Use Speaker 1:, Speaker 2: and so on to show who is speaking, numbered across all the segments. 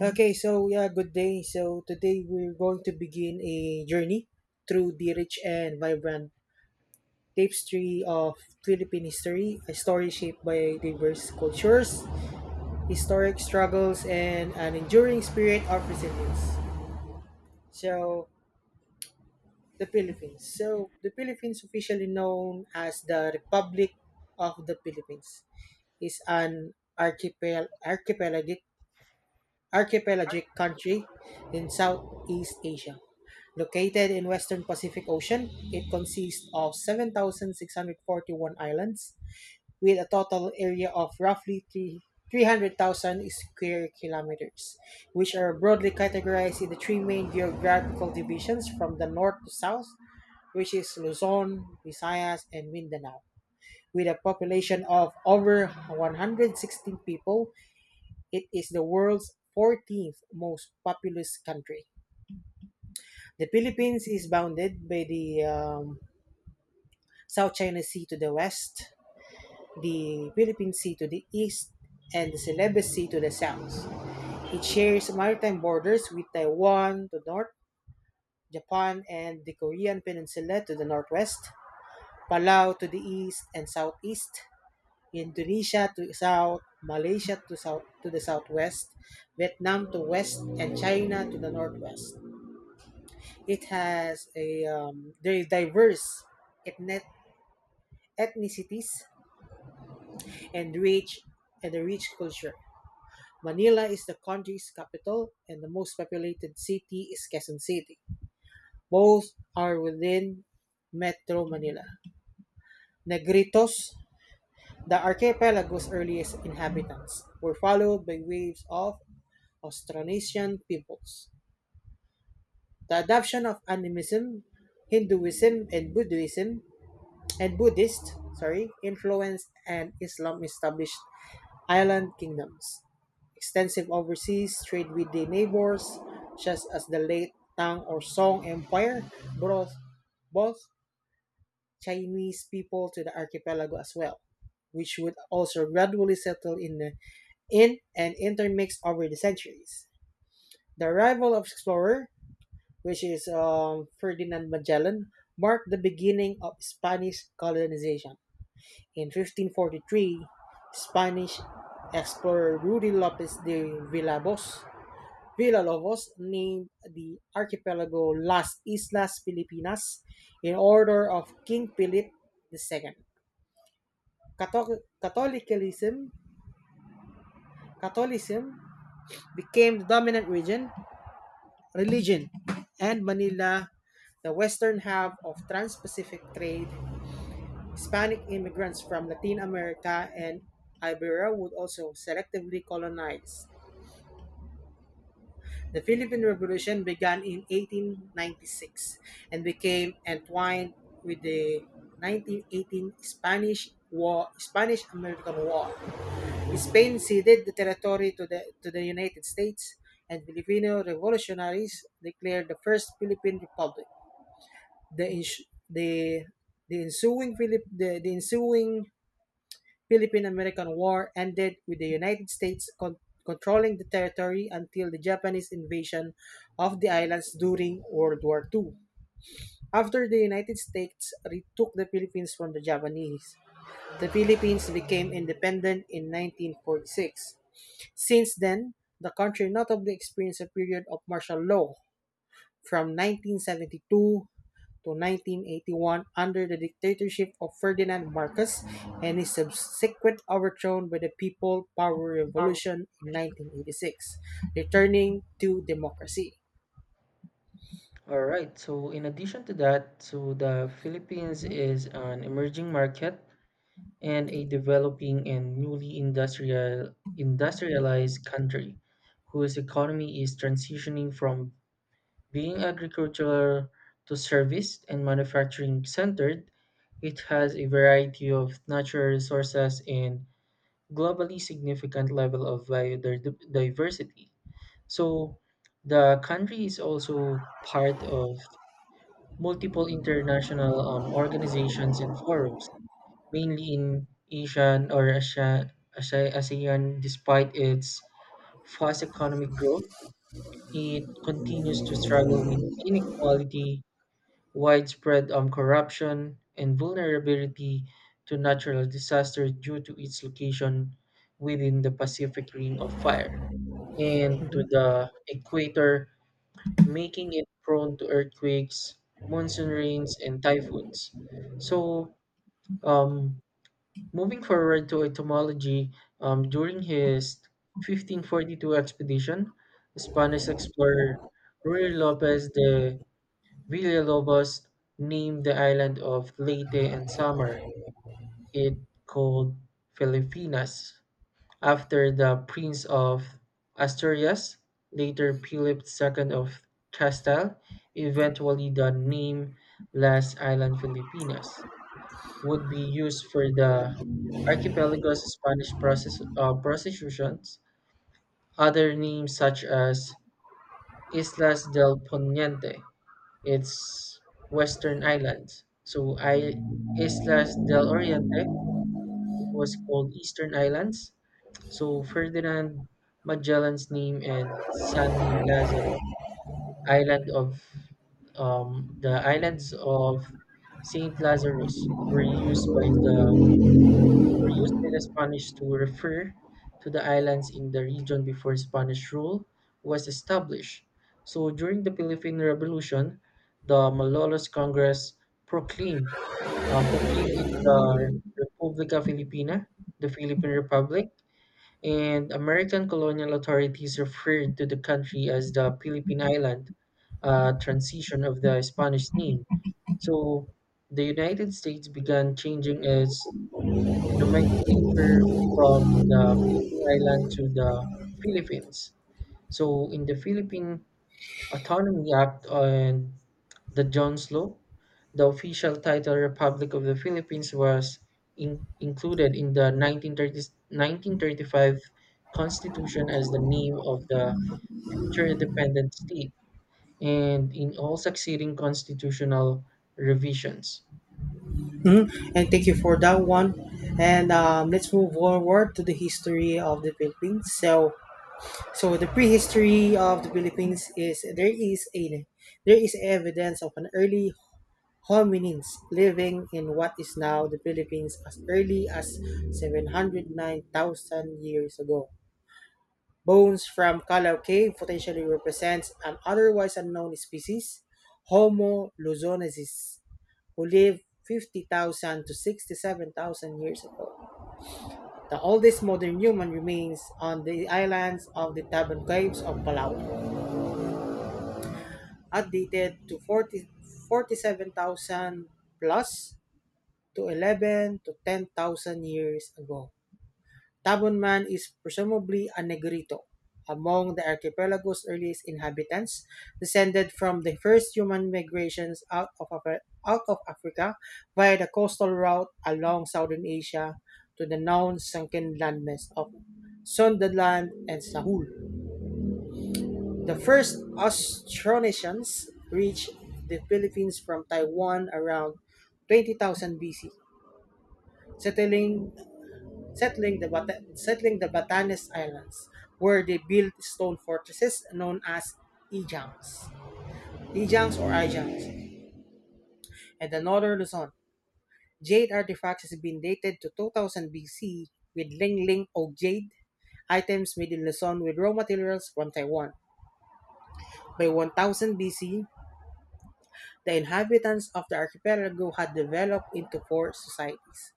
Speaker 1: Okay, so yeah, good day. So today we're going to begin a journey through the rich and vibrant tapestry of Philippine history, a story shaped by diverse cultures, historic struggles, and an enduring spirit of resilience. So, the Philippines. So, the Philippines, officially known as the Republic of the Philippines, is an archipelagic country in Southeast Asia. Located in western Pacific Ocean, it consists of 7,641 islands with a total area of roughly 3 300,000 square kilometers, which are broadly categorized into three main geographical divisions from the north to south, which is Luzon, Visayas, and Mindanao, with a population of over 116 people. It is the world's 14th most populous country. The Philippines is bounded by the South China Sea to the west, the Philippine Sea to the east, and the Celebes Sea to the south. It shares maritime borders with Taiwan to the north, Japan and the Korean Peninsula to the northwest, Palau to the east and southeast, Indonesia to south, Malaysia to south to the southwest, Vietnam to west, and China to the northwest. It has a very diverse ethnic ethnicities and rich and a rich culture. Manila is the country's capital, and the most populated city is Quezon City. Both are within Metro Manila. Negritos, the archipelago's earliest inhabitants, were followed by waves of Austronesian peoples. The adoption of animism, Hinduism, and Buddhism and Buddhist, sorry, influence and Islam established island kingdoms. Extensive overseas trade with the neighbors, such as the late Tang or Song Empire, brought both Chinese people to the archipelago as well, which would also gradually settle in, the, in and intermix over the centuries. The arrival of explorer, which is Ferdinand Magellan, marked the beginning of Spanish colonization. In 1543, Spanish explorer Ruy Lopez de Villalobos named the archipelago Las Islas Filipinas in honor of King Philip II. Catholic- Catholicism, Catholicism became the dominant religion, and Manila, the western hub of trans-Pacific trade, Hispanic immigrants from Latin America and Iberia would also selectively colonize. The Philippine Revolution began in 1896 and became entwined with the 1918 Spanish-American War. Spain ceded the territory to the United States, and Filipino revolutionaries declared the first Philippine Republic. The ins- the ensuing Philip the, The ensuing Philippine-American War ended with the United States controlling the territory until the Japanese invasion of the islands during World War II. After the United States retook the Philippines from the Japanese, the Philippines became independent in 1946. Since then, the country notably experienced a period of martial law from 1972 to 1981 under the dictatorship of Ferdinand Marcos and his subsequent overthrow by the People Power Revolution in 1986, returning to democracy.
Speaker 2: All right. So in addition to that, so the Philippines
Speaker 1: Mhm.
Speaker 2: is an emerging market and a developing and newly industrialized country whose economy is transitioning from being agricultural to service and manufacturing centered. It has a variety of natural resources and globally significant level of biodiversity. So the country is also part of multiple international organizations and forums, mainly in Asian or Asia, ASEAN. Despite its fast economic growth, it continues to struggle with inequality, widespread corruption, and vulnerability to natural disaster due to its location within the Pacific Ring of Fire and to the equator, making it prone to earthquakes, monsoon rains, and typhoons. So, um, Moving forward to etymology, during his 1542 expedition, the Spanish explorer Ruy Lopez de Villalobos named the island of Leyte and Samar, it called Filipinas, after the Prince of Asturias, later Philip II of Castile. Eventually the name Las Islas Filipinas would be used for the archipelago's Spanish prostitutions. Other names such as Islas del Poniente, its western islands. So I Islas del Oriente, it was called Eastern Islands. So Ferdinand Magellan's name and San Lazaro, Island of the islands of Saint Lazarus, used by the were used by the Spanish to refer to the islands in the region before Spanish rule was established. So during the Philippine Revolution, the Malolos Congress proclaimed proclaimed it the Republica Filipina, the Philippine Republic, and American colonial authorities referred to the country as the Philippine Island, a transition of the Spanish name. So the United States began changing its nomenclature from the Philippine Island to the Philippines. So in the Philippine Autonomy Act and the Jones Law, the official title Republic of the Philippines was included in the 1930s, 1935 Constitution as the name of the future independent state and in all succeeding constitutional revisions.
Speaker 1: Mhm. And thank you for that one. And let's move forward to the history of the Philippines. So, the prehistory of the Philippines is there is a there is evidence of an early Hominins living in what is now the Philippines as early as 709,000 years ago. Bones from Calao Cave potentially represents an otherwise unknown species, Homo luzonensis, who lived 50,000 to 67,000 years ago. The oldest modern human remains on the islands of the Taban Caves of Palawan are dated to 47,000 plus to 11 to 10,000 years ago. Tabon Man is presumably a Negrito, among the archipelago's earliest inhabitants, descended from the first human migrations out of Africa via the coastal route along southern Asia to the known sunken landmass of Sundaland and Sahul. The first Austronesians reached the Philippines from Taiwan around 20,000 BC, settling settling the Batanes Islands, where they built stone fortresses known as Ijangs, Ijangs, and the northern Luzon. Jade artifacts has been dated to 2000 BC, with Ling Ling o jade items made in Luzon with raw materials from Taiwan. By 1000 BC, the inhabitants of the archipelago had developed into four societies: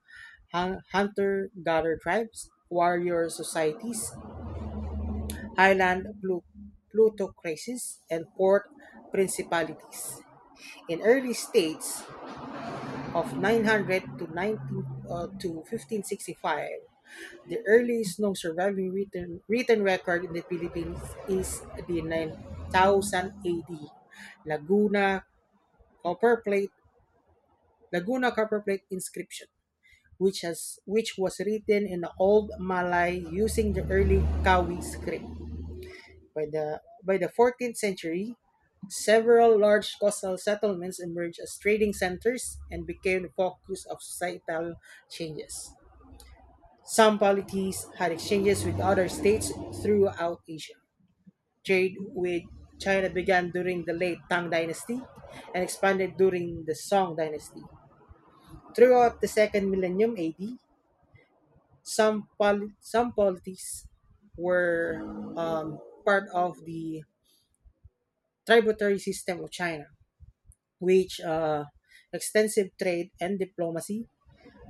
Speaker 1: hunter gatherer tribes, warrior societies, island plutocracies, and port principalities. In early states of 900 to 19 uh, to 1565, the earliest known surviving written record in the Philippines is the 9000 AD Laguna copperplate Laguna copperplate inscription, which was written in the Old Malay using the early Kawi script. By the 14th century, several large coastal settlements emerged as trading centers and became the focus of societal changes. Some polities had exchanges with other states throughout Asia. Trade with China began during the late Tang Dynasty and expanded during the Song Dynasty. Throughout the second millennium AD, some polities were um, part of the tributary system of China, which extensive trade and diplomacy.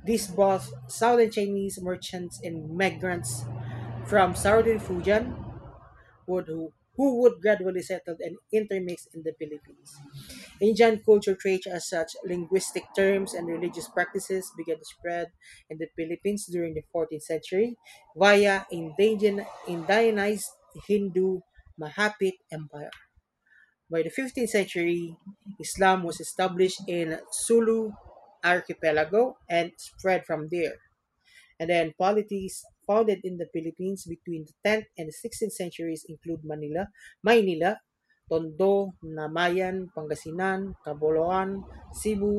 Speaker 1: This brought southern Chinese merchants and migrants from southern Fujian who would gradually settle and intermix in the Philippines. Indian culture traits as such linguistic terms and religious practices began to spread in the Philippines during the 14th century via indianized Hindu Mahapit Empire. By the 15th century, Islam was established in Sulu archipelago and spread from there. And then polities founded in the Philippines between the 10th and the 16th centuries include Manila, Maynila, Tondo, Namayan, Pangasinan, Caboloan, Cebu,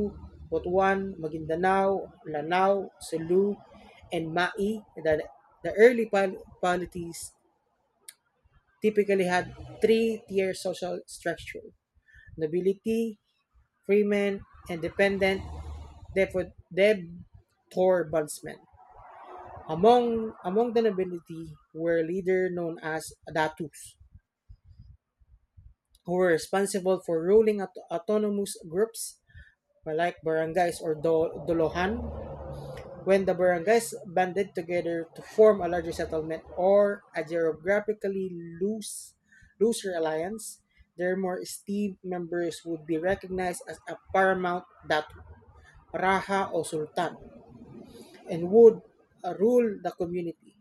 Speaker 1: Butuan, Maguindanao, Lanao, Sulu, and Mai. Polities typically had three-tier social structure: nobility, freemen, and dependent debtor bondsmen. Among the nobility were leaders known as datus, who were responsible for ruling autonomous groups like barangays or dolohan. When the barangays banded together to form a larger settlement or a geographically loose looser alliance, their more esteemed members would be recognized as a paramount datu, raja, or sultan, and would rule the community.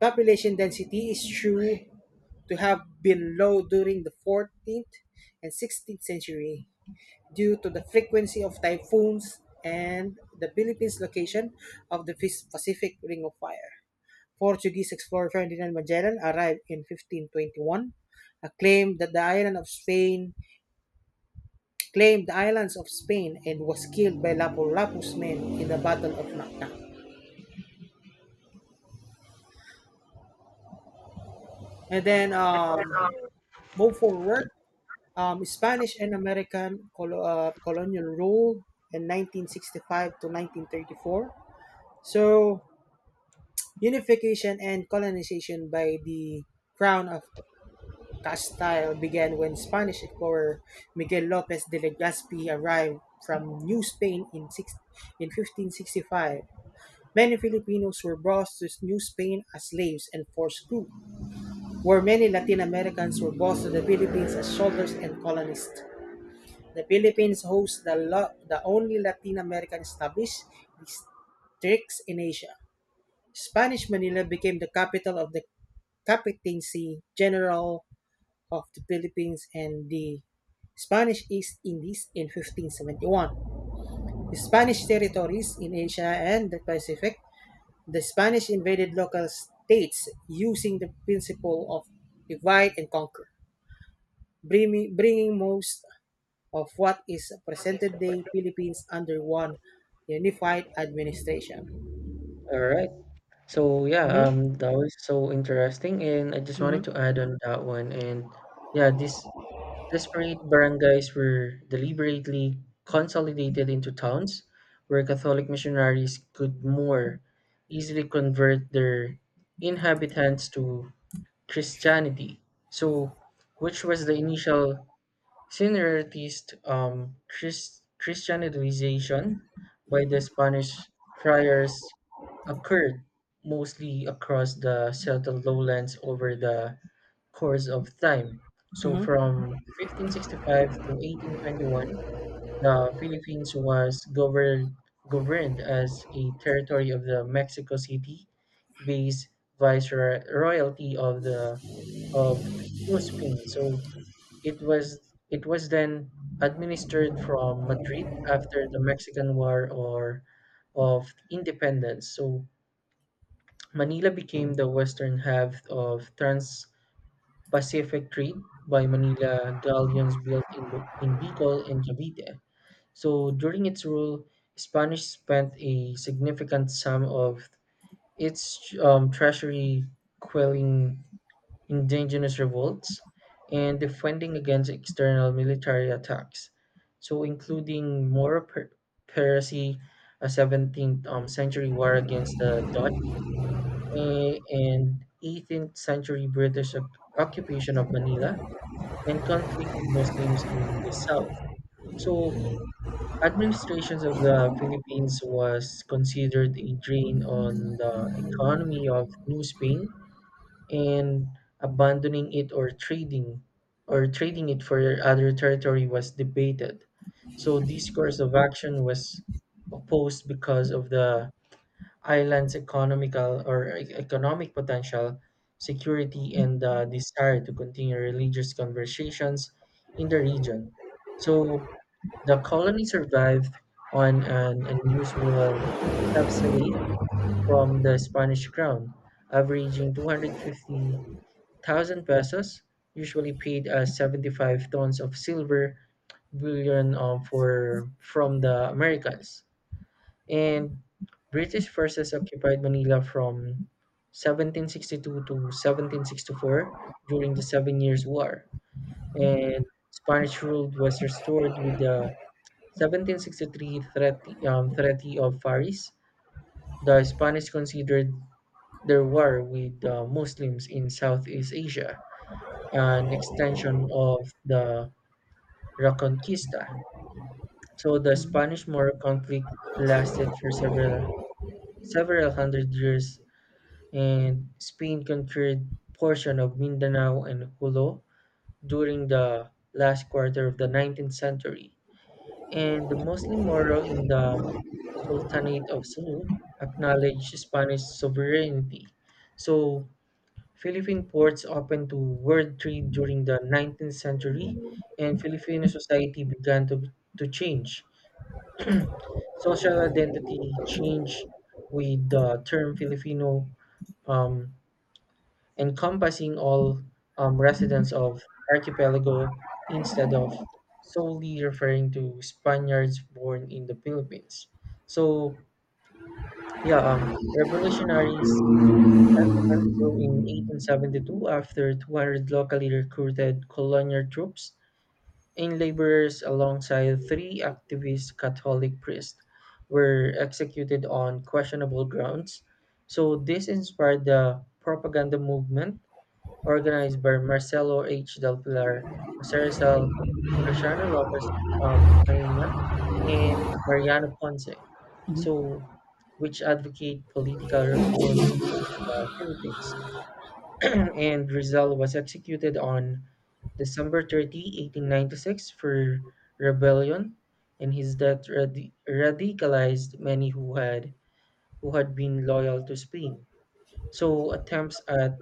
Speaker 1: Population density is true to have been low during the 14th and 16th century due to the frequency of typhoons and the Philippines' location of the Pacific Ring of Fire. Portuguese explorer Ferdinand Magellan arrived in 1521, uh, claimed that the island of Spain claimed the islands of Spain and was killed by Lapu-Lapu's men in the Battle of Mactan. And then move forward Spanish and American colonial rule in 1965 to 1934. So, unification and colonization by the Crown of Castile began when Spanish explorer Miguel Lopez de Legazpi arrived from New Spain in 1565. Many Filipinos were brought to New Spain as slaves and forced crew, where many Latin Americans were brought to the Philippines as soldiers and colonists. The Philippines hosts the only Latin American established districts in Asia. Spanish Manila became the capital of the Captaincy General of the Philippines and the Spanish East Indies in 1571. The Spanish territories in Asia and the Pacific, the Spanish invaded local states using the principle of divide and conquer, bringing most of what is present day Philippines under one unified administration.
Speaker 2: All right. So yeah,
Speaker 1: Mm-hmm.
Speaker 2: that was so interesting, and I just
Speaker 1: Mm-hmm.
Speaker 2: wanted to add on that one. And yeah, these disparate barangays were deliberately consolidated into towns where Catholic missionaries could more easily convert their inhabitants to Christianity. So, which was the initial Similarist Christianization by the Spanish friars occurred mostly across the settled lowlands over the course of time. So
Speaker 1: Mm-hmm.
Speaker 2: from 1565 to 1821, the Philippines was governed as a territory of the Mexico City based viceroyalty of New Spain. So it was then administered from Madrid after the Mexican War or of Independence. So Manila became the western half of Trans-Pacific trade by Manila galleons built in Bicol and Cavite. So during its rule, Spanish spent a significant sum of its treasury quelling indigenous revolts, and defending against external military attacks. So, including Moro Piracy, a 17th century war against the Dutch, and 18th century British occupation of Manila, and conflict with Muslims in the south. So, administrations of the Philippines was considered a drain on the economy of New Spain, and abandoning it or trading it for other territory was debated. So this course of action was opposed because of the island's economic potential, security, and the desire to continue religious conversations in the region. So the colony survived on an unusual subsidy from the Spanish crown, averaging 250 thousand pesos, usually paid as 75 tons of silver bullion from the Americans. And British forces occupied Manila from 1762 to 1764 during the Seven Years' War, and Spanish rule was restored with the 1763 Treaty of Paris. The Spanish considered their war with the Muslims in Southeast Asia an extension of the Reconquista. So the Spanish-Moro conflict lasted for several hundred years, and Spain conquered portion of Mindanao and Hulo during the last quarter of the 19th century. And the Muslim Moro in the Sultanate of Sulu acknowledged Spanish sovereignty. So Philippine ports opened to world trade during the 19th century, and Filipino society began to change. Social identity changed with the term Filipino um, encompassing all residents of archipelago instead of solely referring to Spaniards born in the Philippines. So, yeah, revolutionaries sentiment grew in 1872 after 200 locally recruited colonial troops and laborers, alongside three activist Catholic priests, were executed on questionable grounds. So, this inspired the propaganda movement organized by Marcelo H. Del Pilar, Jose Rizal, Graciano Lopez Peña, and Mariano Ponce, So, which advocate political reforms in the Philippines. And Rizal was executed on December 30, 1896, for rebellion, and his death radicalized many who had been loyal to Spain. So attempts at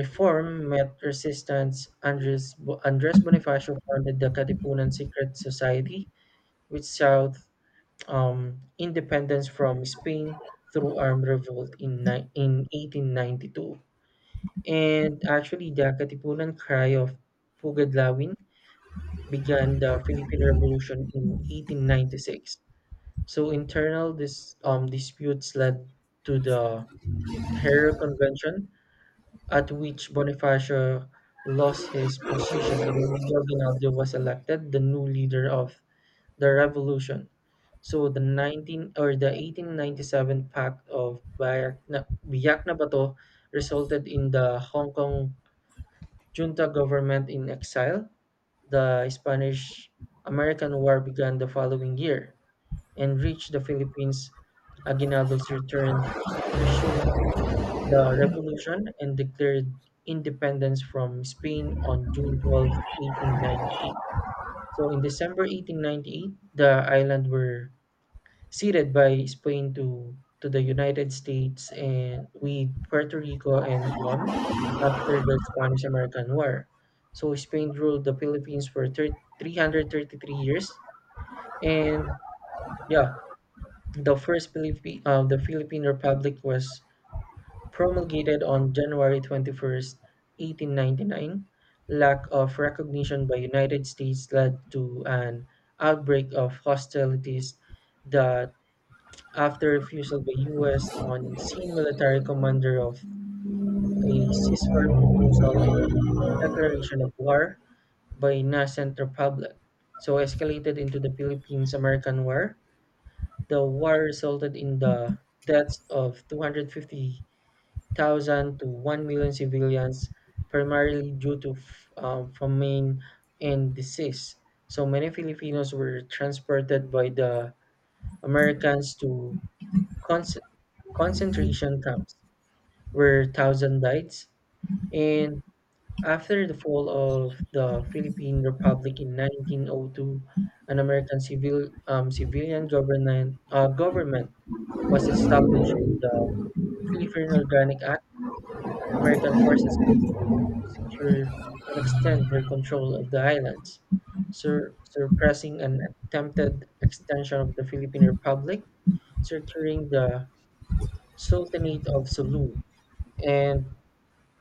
Speaker 2: reform met resistance. Andres Bonifacio founded the Katipunan Secret Society, which sought independence from Spain through armed revolt in 1892. And actually, the Katipunan Cry of Pugadlawin began the Philippine Revolution in 1896. So internal disputes led to the Terror Convention, at which Bonifacio lost his position and Emilio Aguinaldo was elected the new leader of the revolution. So the 19 or the 1897 Pact of Biak na Bato resulted in the Hong Kong junta government in exile. The Spanish American War began the following year and reached the Philippines. Aguinaldo's return resumed the revolution and declared independence from Spain on June 12, 1898. So in December 1898, the island were ceded by Spain to the United States and with Puerto Rico and Guam after the Spanish American War. So Spain ruled the Philippines for 333 years, and yeah, the Philippine Republic was promulgated on January 21st, 1899. Lack of recognition by United States led to an outbreak of hostilities that, after refusal by U.S. on-scene military commander of a ceasefire proposal and declaration of war by nascent republic, so escalated into the Philippines-American War. The war resulted in the deaths of 250,000 to 1 million civilians, primarily due to famine and disease. So many Filipinos were transported by the Americans to con concentration camps, where thousands died. And after the fall of the Philippine Republic in 1902, an American civilian government was established with the Philippine Organic Act. American forces continued to secure and extend their control of the islands, suppressing an attempted extension of the Philippine Republic, securing the Sultanate of Sulu, and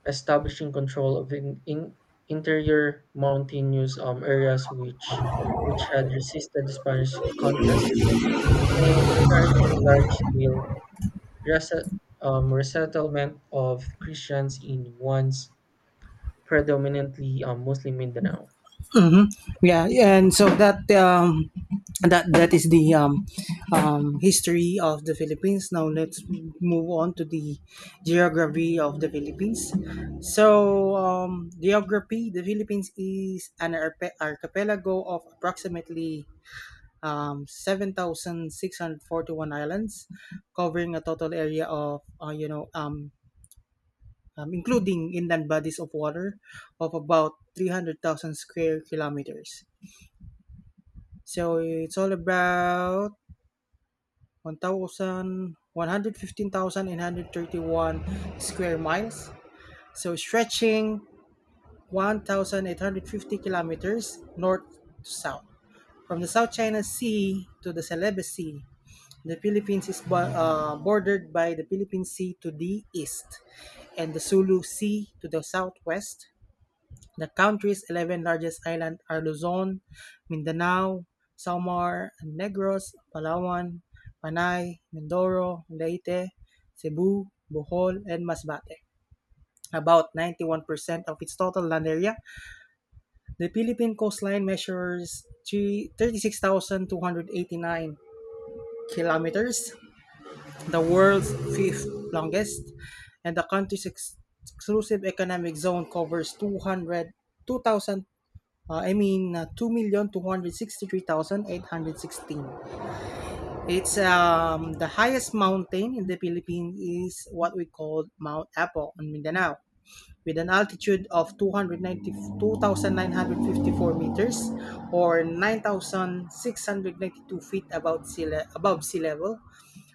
Speaker 2: establishing control of in interior mountainous areas which had resisted the Spanish conquest, and encouraging large-scale rese- resettlement of Christians in once predominantly Muslim Mindanao.
Speaker 1: Yeah, and so that that that is the history of the Philippines. Now let's move on to the geography of the Philippines. So geography: the Philippines is an archipelago of approximately 7,641 islands, covering a total area of, including inland bodies of water of about 300,000 square kilometers. So it's all about 1,000 square miles. So stretching 1,850 kilometers north to south. From the South China Sea to the Celebes Sea, the Philippines is bordered by the Philippine Sea to the east and the Sulu Sea to the southwest. The country's 11 largest islands are Luzon, Mindanao, Samar, and Negros, Palawan, Panay, Mindoro, Leyte, Cebu, Bohol, and Masbate, about 91% of its total land area. The Philippine coastline measures 36,289 kilometers, the world's fifth longest, and the country's exclusive economic zone covers 200 2,000. I mean 2,263,816. It's The highest mountain in the Philippines is what we call Mount Apo on Mindanao with an altitude of 2,009 hundred 50-4 meters, or 9,692 feet above above sea level.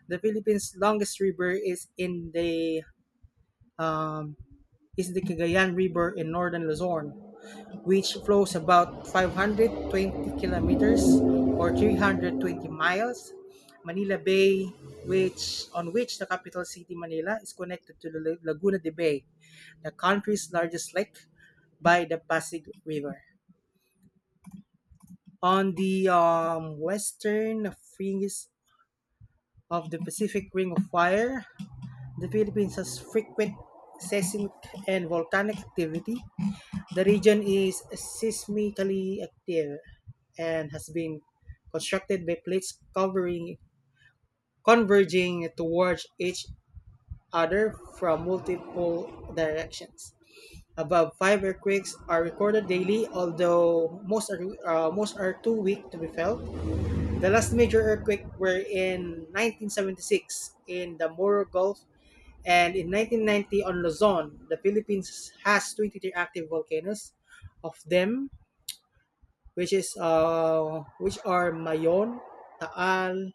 Speaker 1: The Philippines' longest river um, is the Cagayan River in northern Luzon, which flows about 520 kilometers or 320 miles. Manila Bay, which on which the capital city Manila is connected to the Laguna de Bay, the country's largest lake, by the Pasig River. On the western fringes of the Pacific Ring of Fire, the Philippines has frequent seismic and volcanic activity. The region is seismically active and has been constructed by plates covering converging towards each other from multiple directions. Above five earthquakes are recorded daily, although most are too weak to be felt. The last major earthquake were in 1976 in the Moro Gulf, and in 1990 on Luzon, the Philippines has 23 active volcanoes. Of them, which are Mayon, Taal,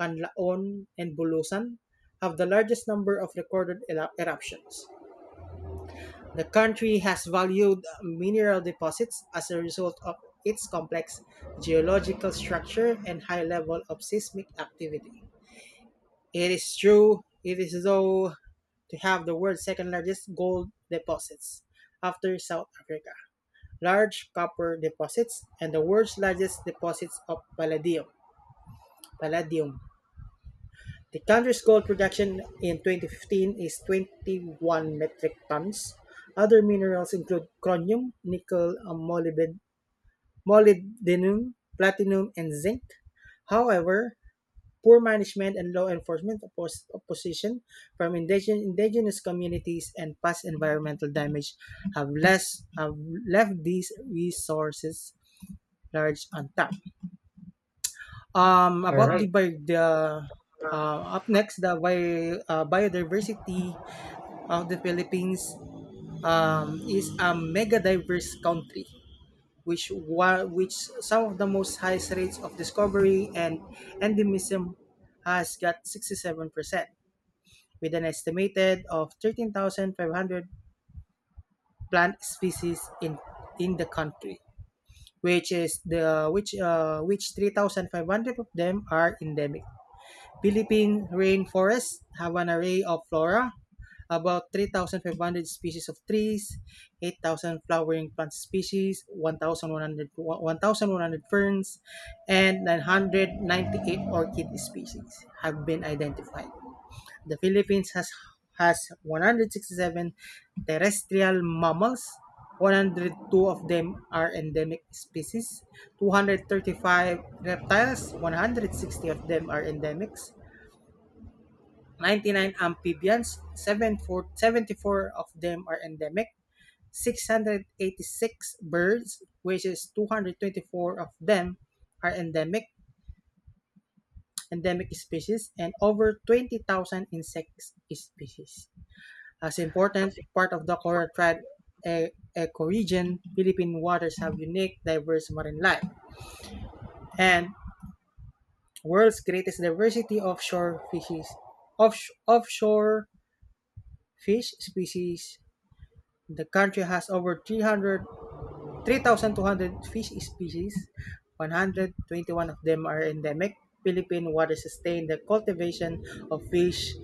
Speaker 1: Canlaon, and Bulusan, have the largest number of recorded eruptions. The country has valued mineral deposits as a result of its complex geological structure and high level of seismic activity. It is though to have the world's second largest gold deposits after South Africa, large copper deposits, and the world's largest deposits of palladium. Palladium. The country's gold production in 2015 is 21 metric tons. Other minerals include chromium, nickel, molybdenum, platinum, and zinc. However, poor management and law enforcement opposition from indigenous communities and past environmental damage have left these resources large untapped.
Speaker 2: All
Speaker 1: About
Speaker 2: right.
Speaker 1: the bi- the up next, biodiversity of the Philippines is a mega diverse country, which some of the most highest rates of discovery and endemism has got 67%, with an estimated of 13,500 plant species in the country, which 3,500 of them are endemic. Philippine rainforests have an array of flora: about 3,500 species of trees, 8,000 flowering plant species, 1,100 ferns, and 998 orchid species have been identified. The Philippines has 167 terrestrial mammals, 102 of them are endemic species; 235 reptiles, 160 of them are endemics; 99 amphibians, 74 of them are endemic; 686 birds, which is 224 of them are endemic species; and over 20,000 insect species. As important part of the coral tribe e- ecoregion, Philippine waters have unique, diverse marine life and world's greatest diversity of shore fishes. Offshore fish species. The country has over 3,200 fish species, 121 of them are endemic. Philippine waters sustain the cultivation of fish,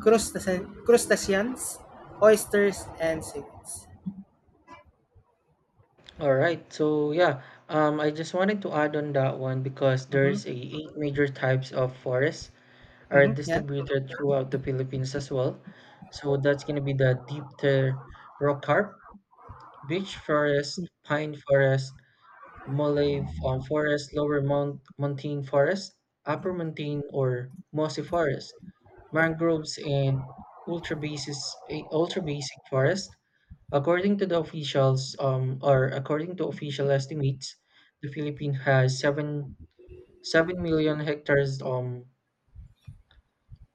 Speaker 1: crustaceans, oysters, and seaweeds.
Speaker 2: So yeah, I just wanted to add on that one because there's
Speaker 1: Mm-hmm.
Speaker 2: a eight major types of forests are
Speaker 1: Mm-hmm. Yeah.
Speaker 2: distributed throughout the Philippines as well. So that's going to be the deep tier rock carp, beach forest, pine forest, malay forest, mountain forest, upper mountain or mossy forest, mangroves, and ultra basic forest. According to official estimates, the Philippines has seven million hectares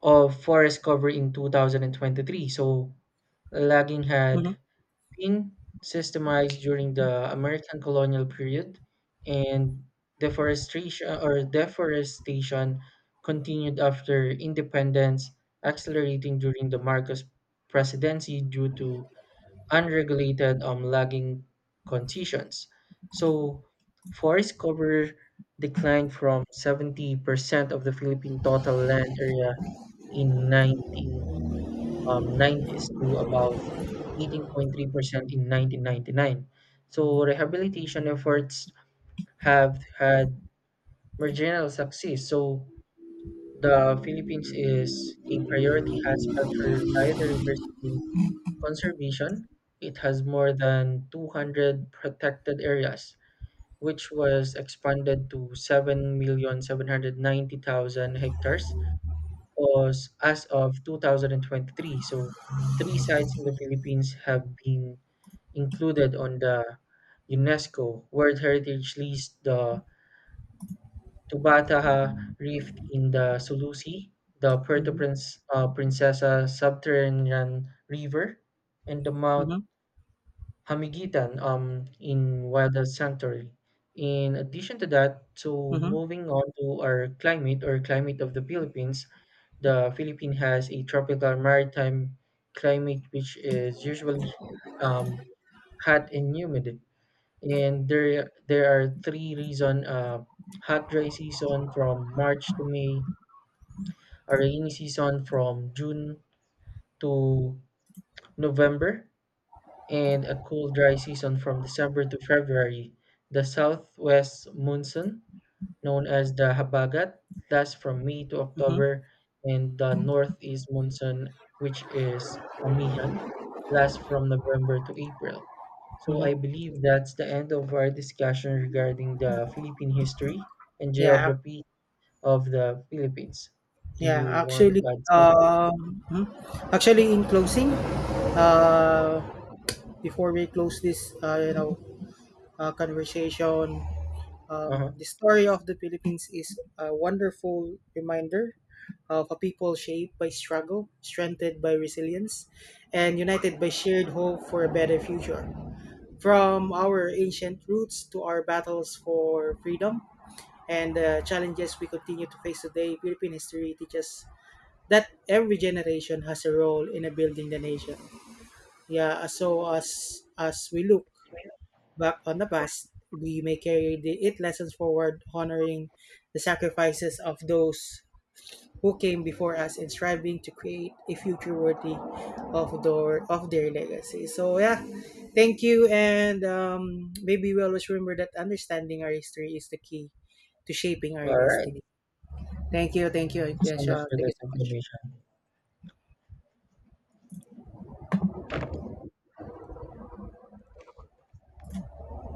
Speaker 2: of forest cover in 2023. So, logging
Speaker 1: Mm-hmm.
Speaker 2: had been systemized during the American colonial period, and deforestation continued after independence, accelerating during the Marcos presidency due to unregulated logging concessions. So, forest cover declined from 70% of the Philippine total land area in 19 nineties to about 18.3% in 1999. So rehabilitation efforts have had marginal success. So the Philippines is a priority hotspot for biodiversity conservation. It has more than 200 protected areas, which was expanded to 7,790,000 hectares was as of 2023. So, three sites in the Philippines have been included on the UNESCO World Heritage List: the Tubataha Reef in the Sulusi, the
Speaker 1: Mhm,
Speaker 2: Princesa Subterranean River, and the Mount
Speaker 1: mhm,
Speaker 2: Hamigitan in Wada Sanctuary. In addition to that, so
Speaker 1: mhm,
Speaker 2: moving on to our climate or climate of the Philippines has a tropical maritime climate, which is usually um, hot and humid. And there are three reasons: hot, dry season from March to May, a rainy season from June to November, and a cool, dry season from December to February. The southwest monsoon known as the Habagat, that's from May to
Speaker 1: mhm,
Speaker 2: October, and the northeast monsoon, which is Amihan, lasts from November to April. So
Speaker 1: mhm.
Speaker 2: I believe that's the end of our discussion regarding the Philippine history and
Speaker 1: Yeah,
Speaker 2: geography of the Philippines. Do
Speaker 1: yeah.
Speaker 2: you want
Speaker 1: Actually,
Speaker 2: to add something?
Speaker 1: mhm. Actually, in closing, uh, before we close this, you know, conversation,
Speaker 2: Uh-huh.
Speaker 1: the story of the Philippines is a wonderful reminder of a people shaped by struggle, strengthened by resilience, and united by shared hope for a better future. From our ancient roots to our battles for freedom, and the challenges we continue to face today, Philippine history teaches that every generation has a role in building the nation. Yeah, so as we look back on the past, we may carry the, eight lessons forward, honoring the sacrifices of those who came before us and striving to create a future worthy of their legacy. So yeah, thank you, and maybe we always remember that understanding our history is the key to shaping our
Speaker 2: All right.
Speaker 1: destiny. Thank you. Thank you.
Speaker 2: Thank you
Speaker 1: Yeah,
Speaker 2: so much
Speaker 1: sure.
Speaker 2: for
Speaker 1: Thank
Speaker 2: that
Speaker 1: you so much.
Speaker 2: information.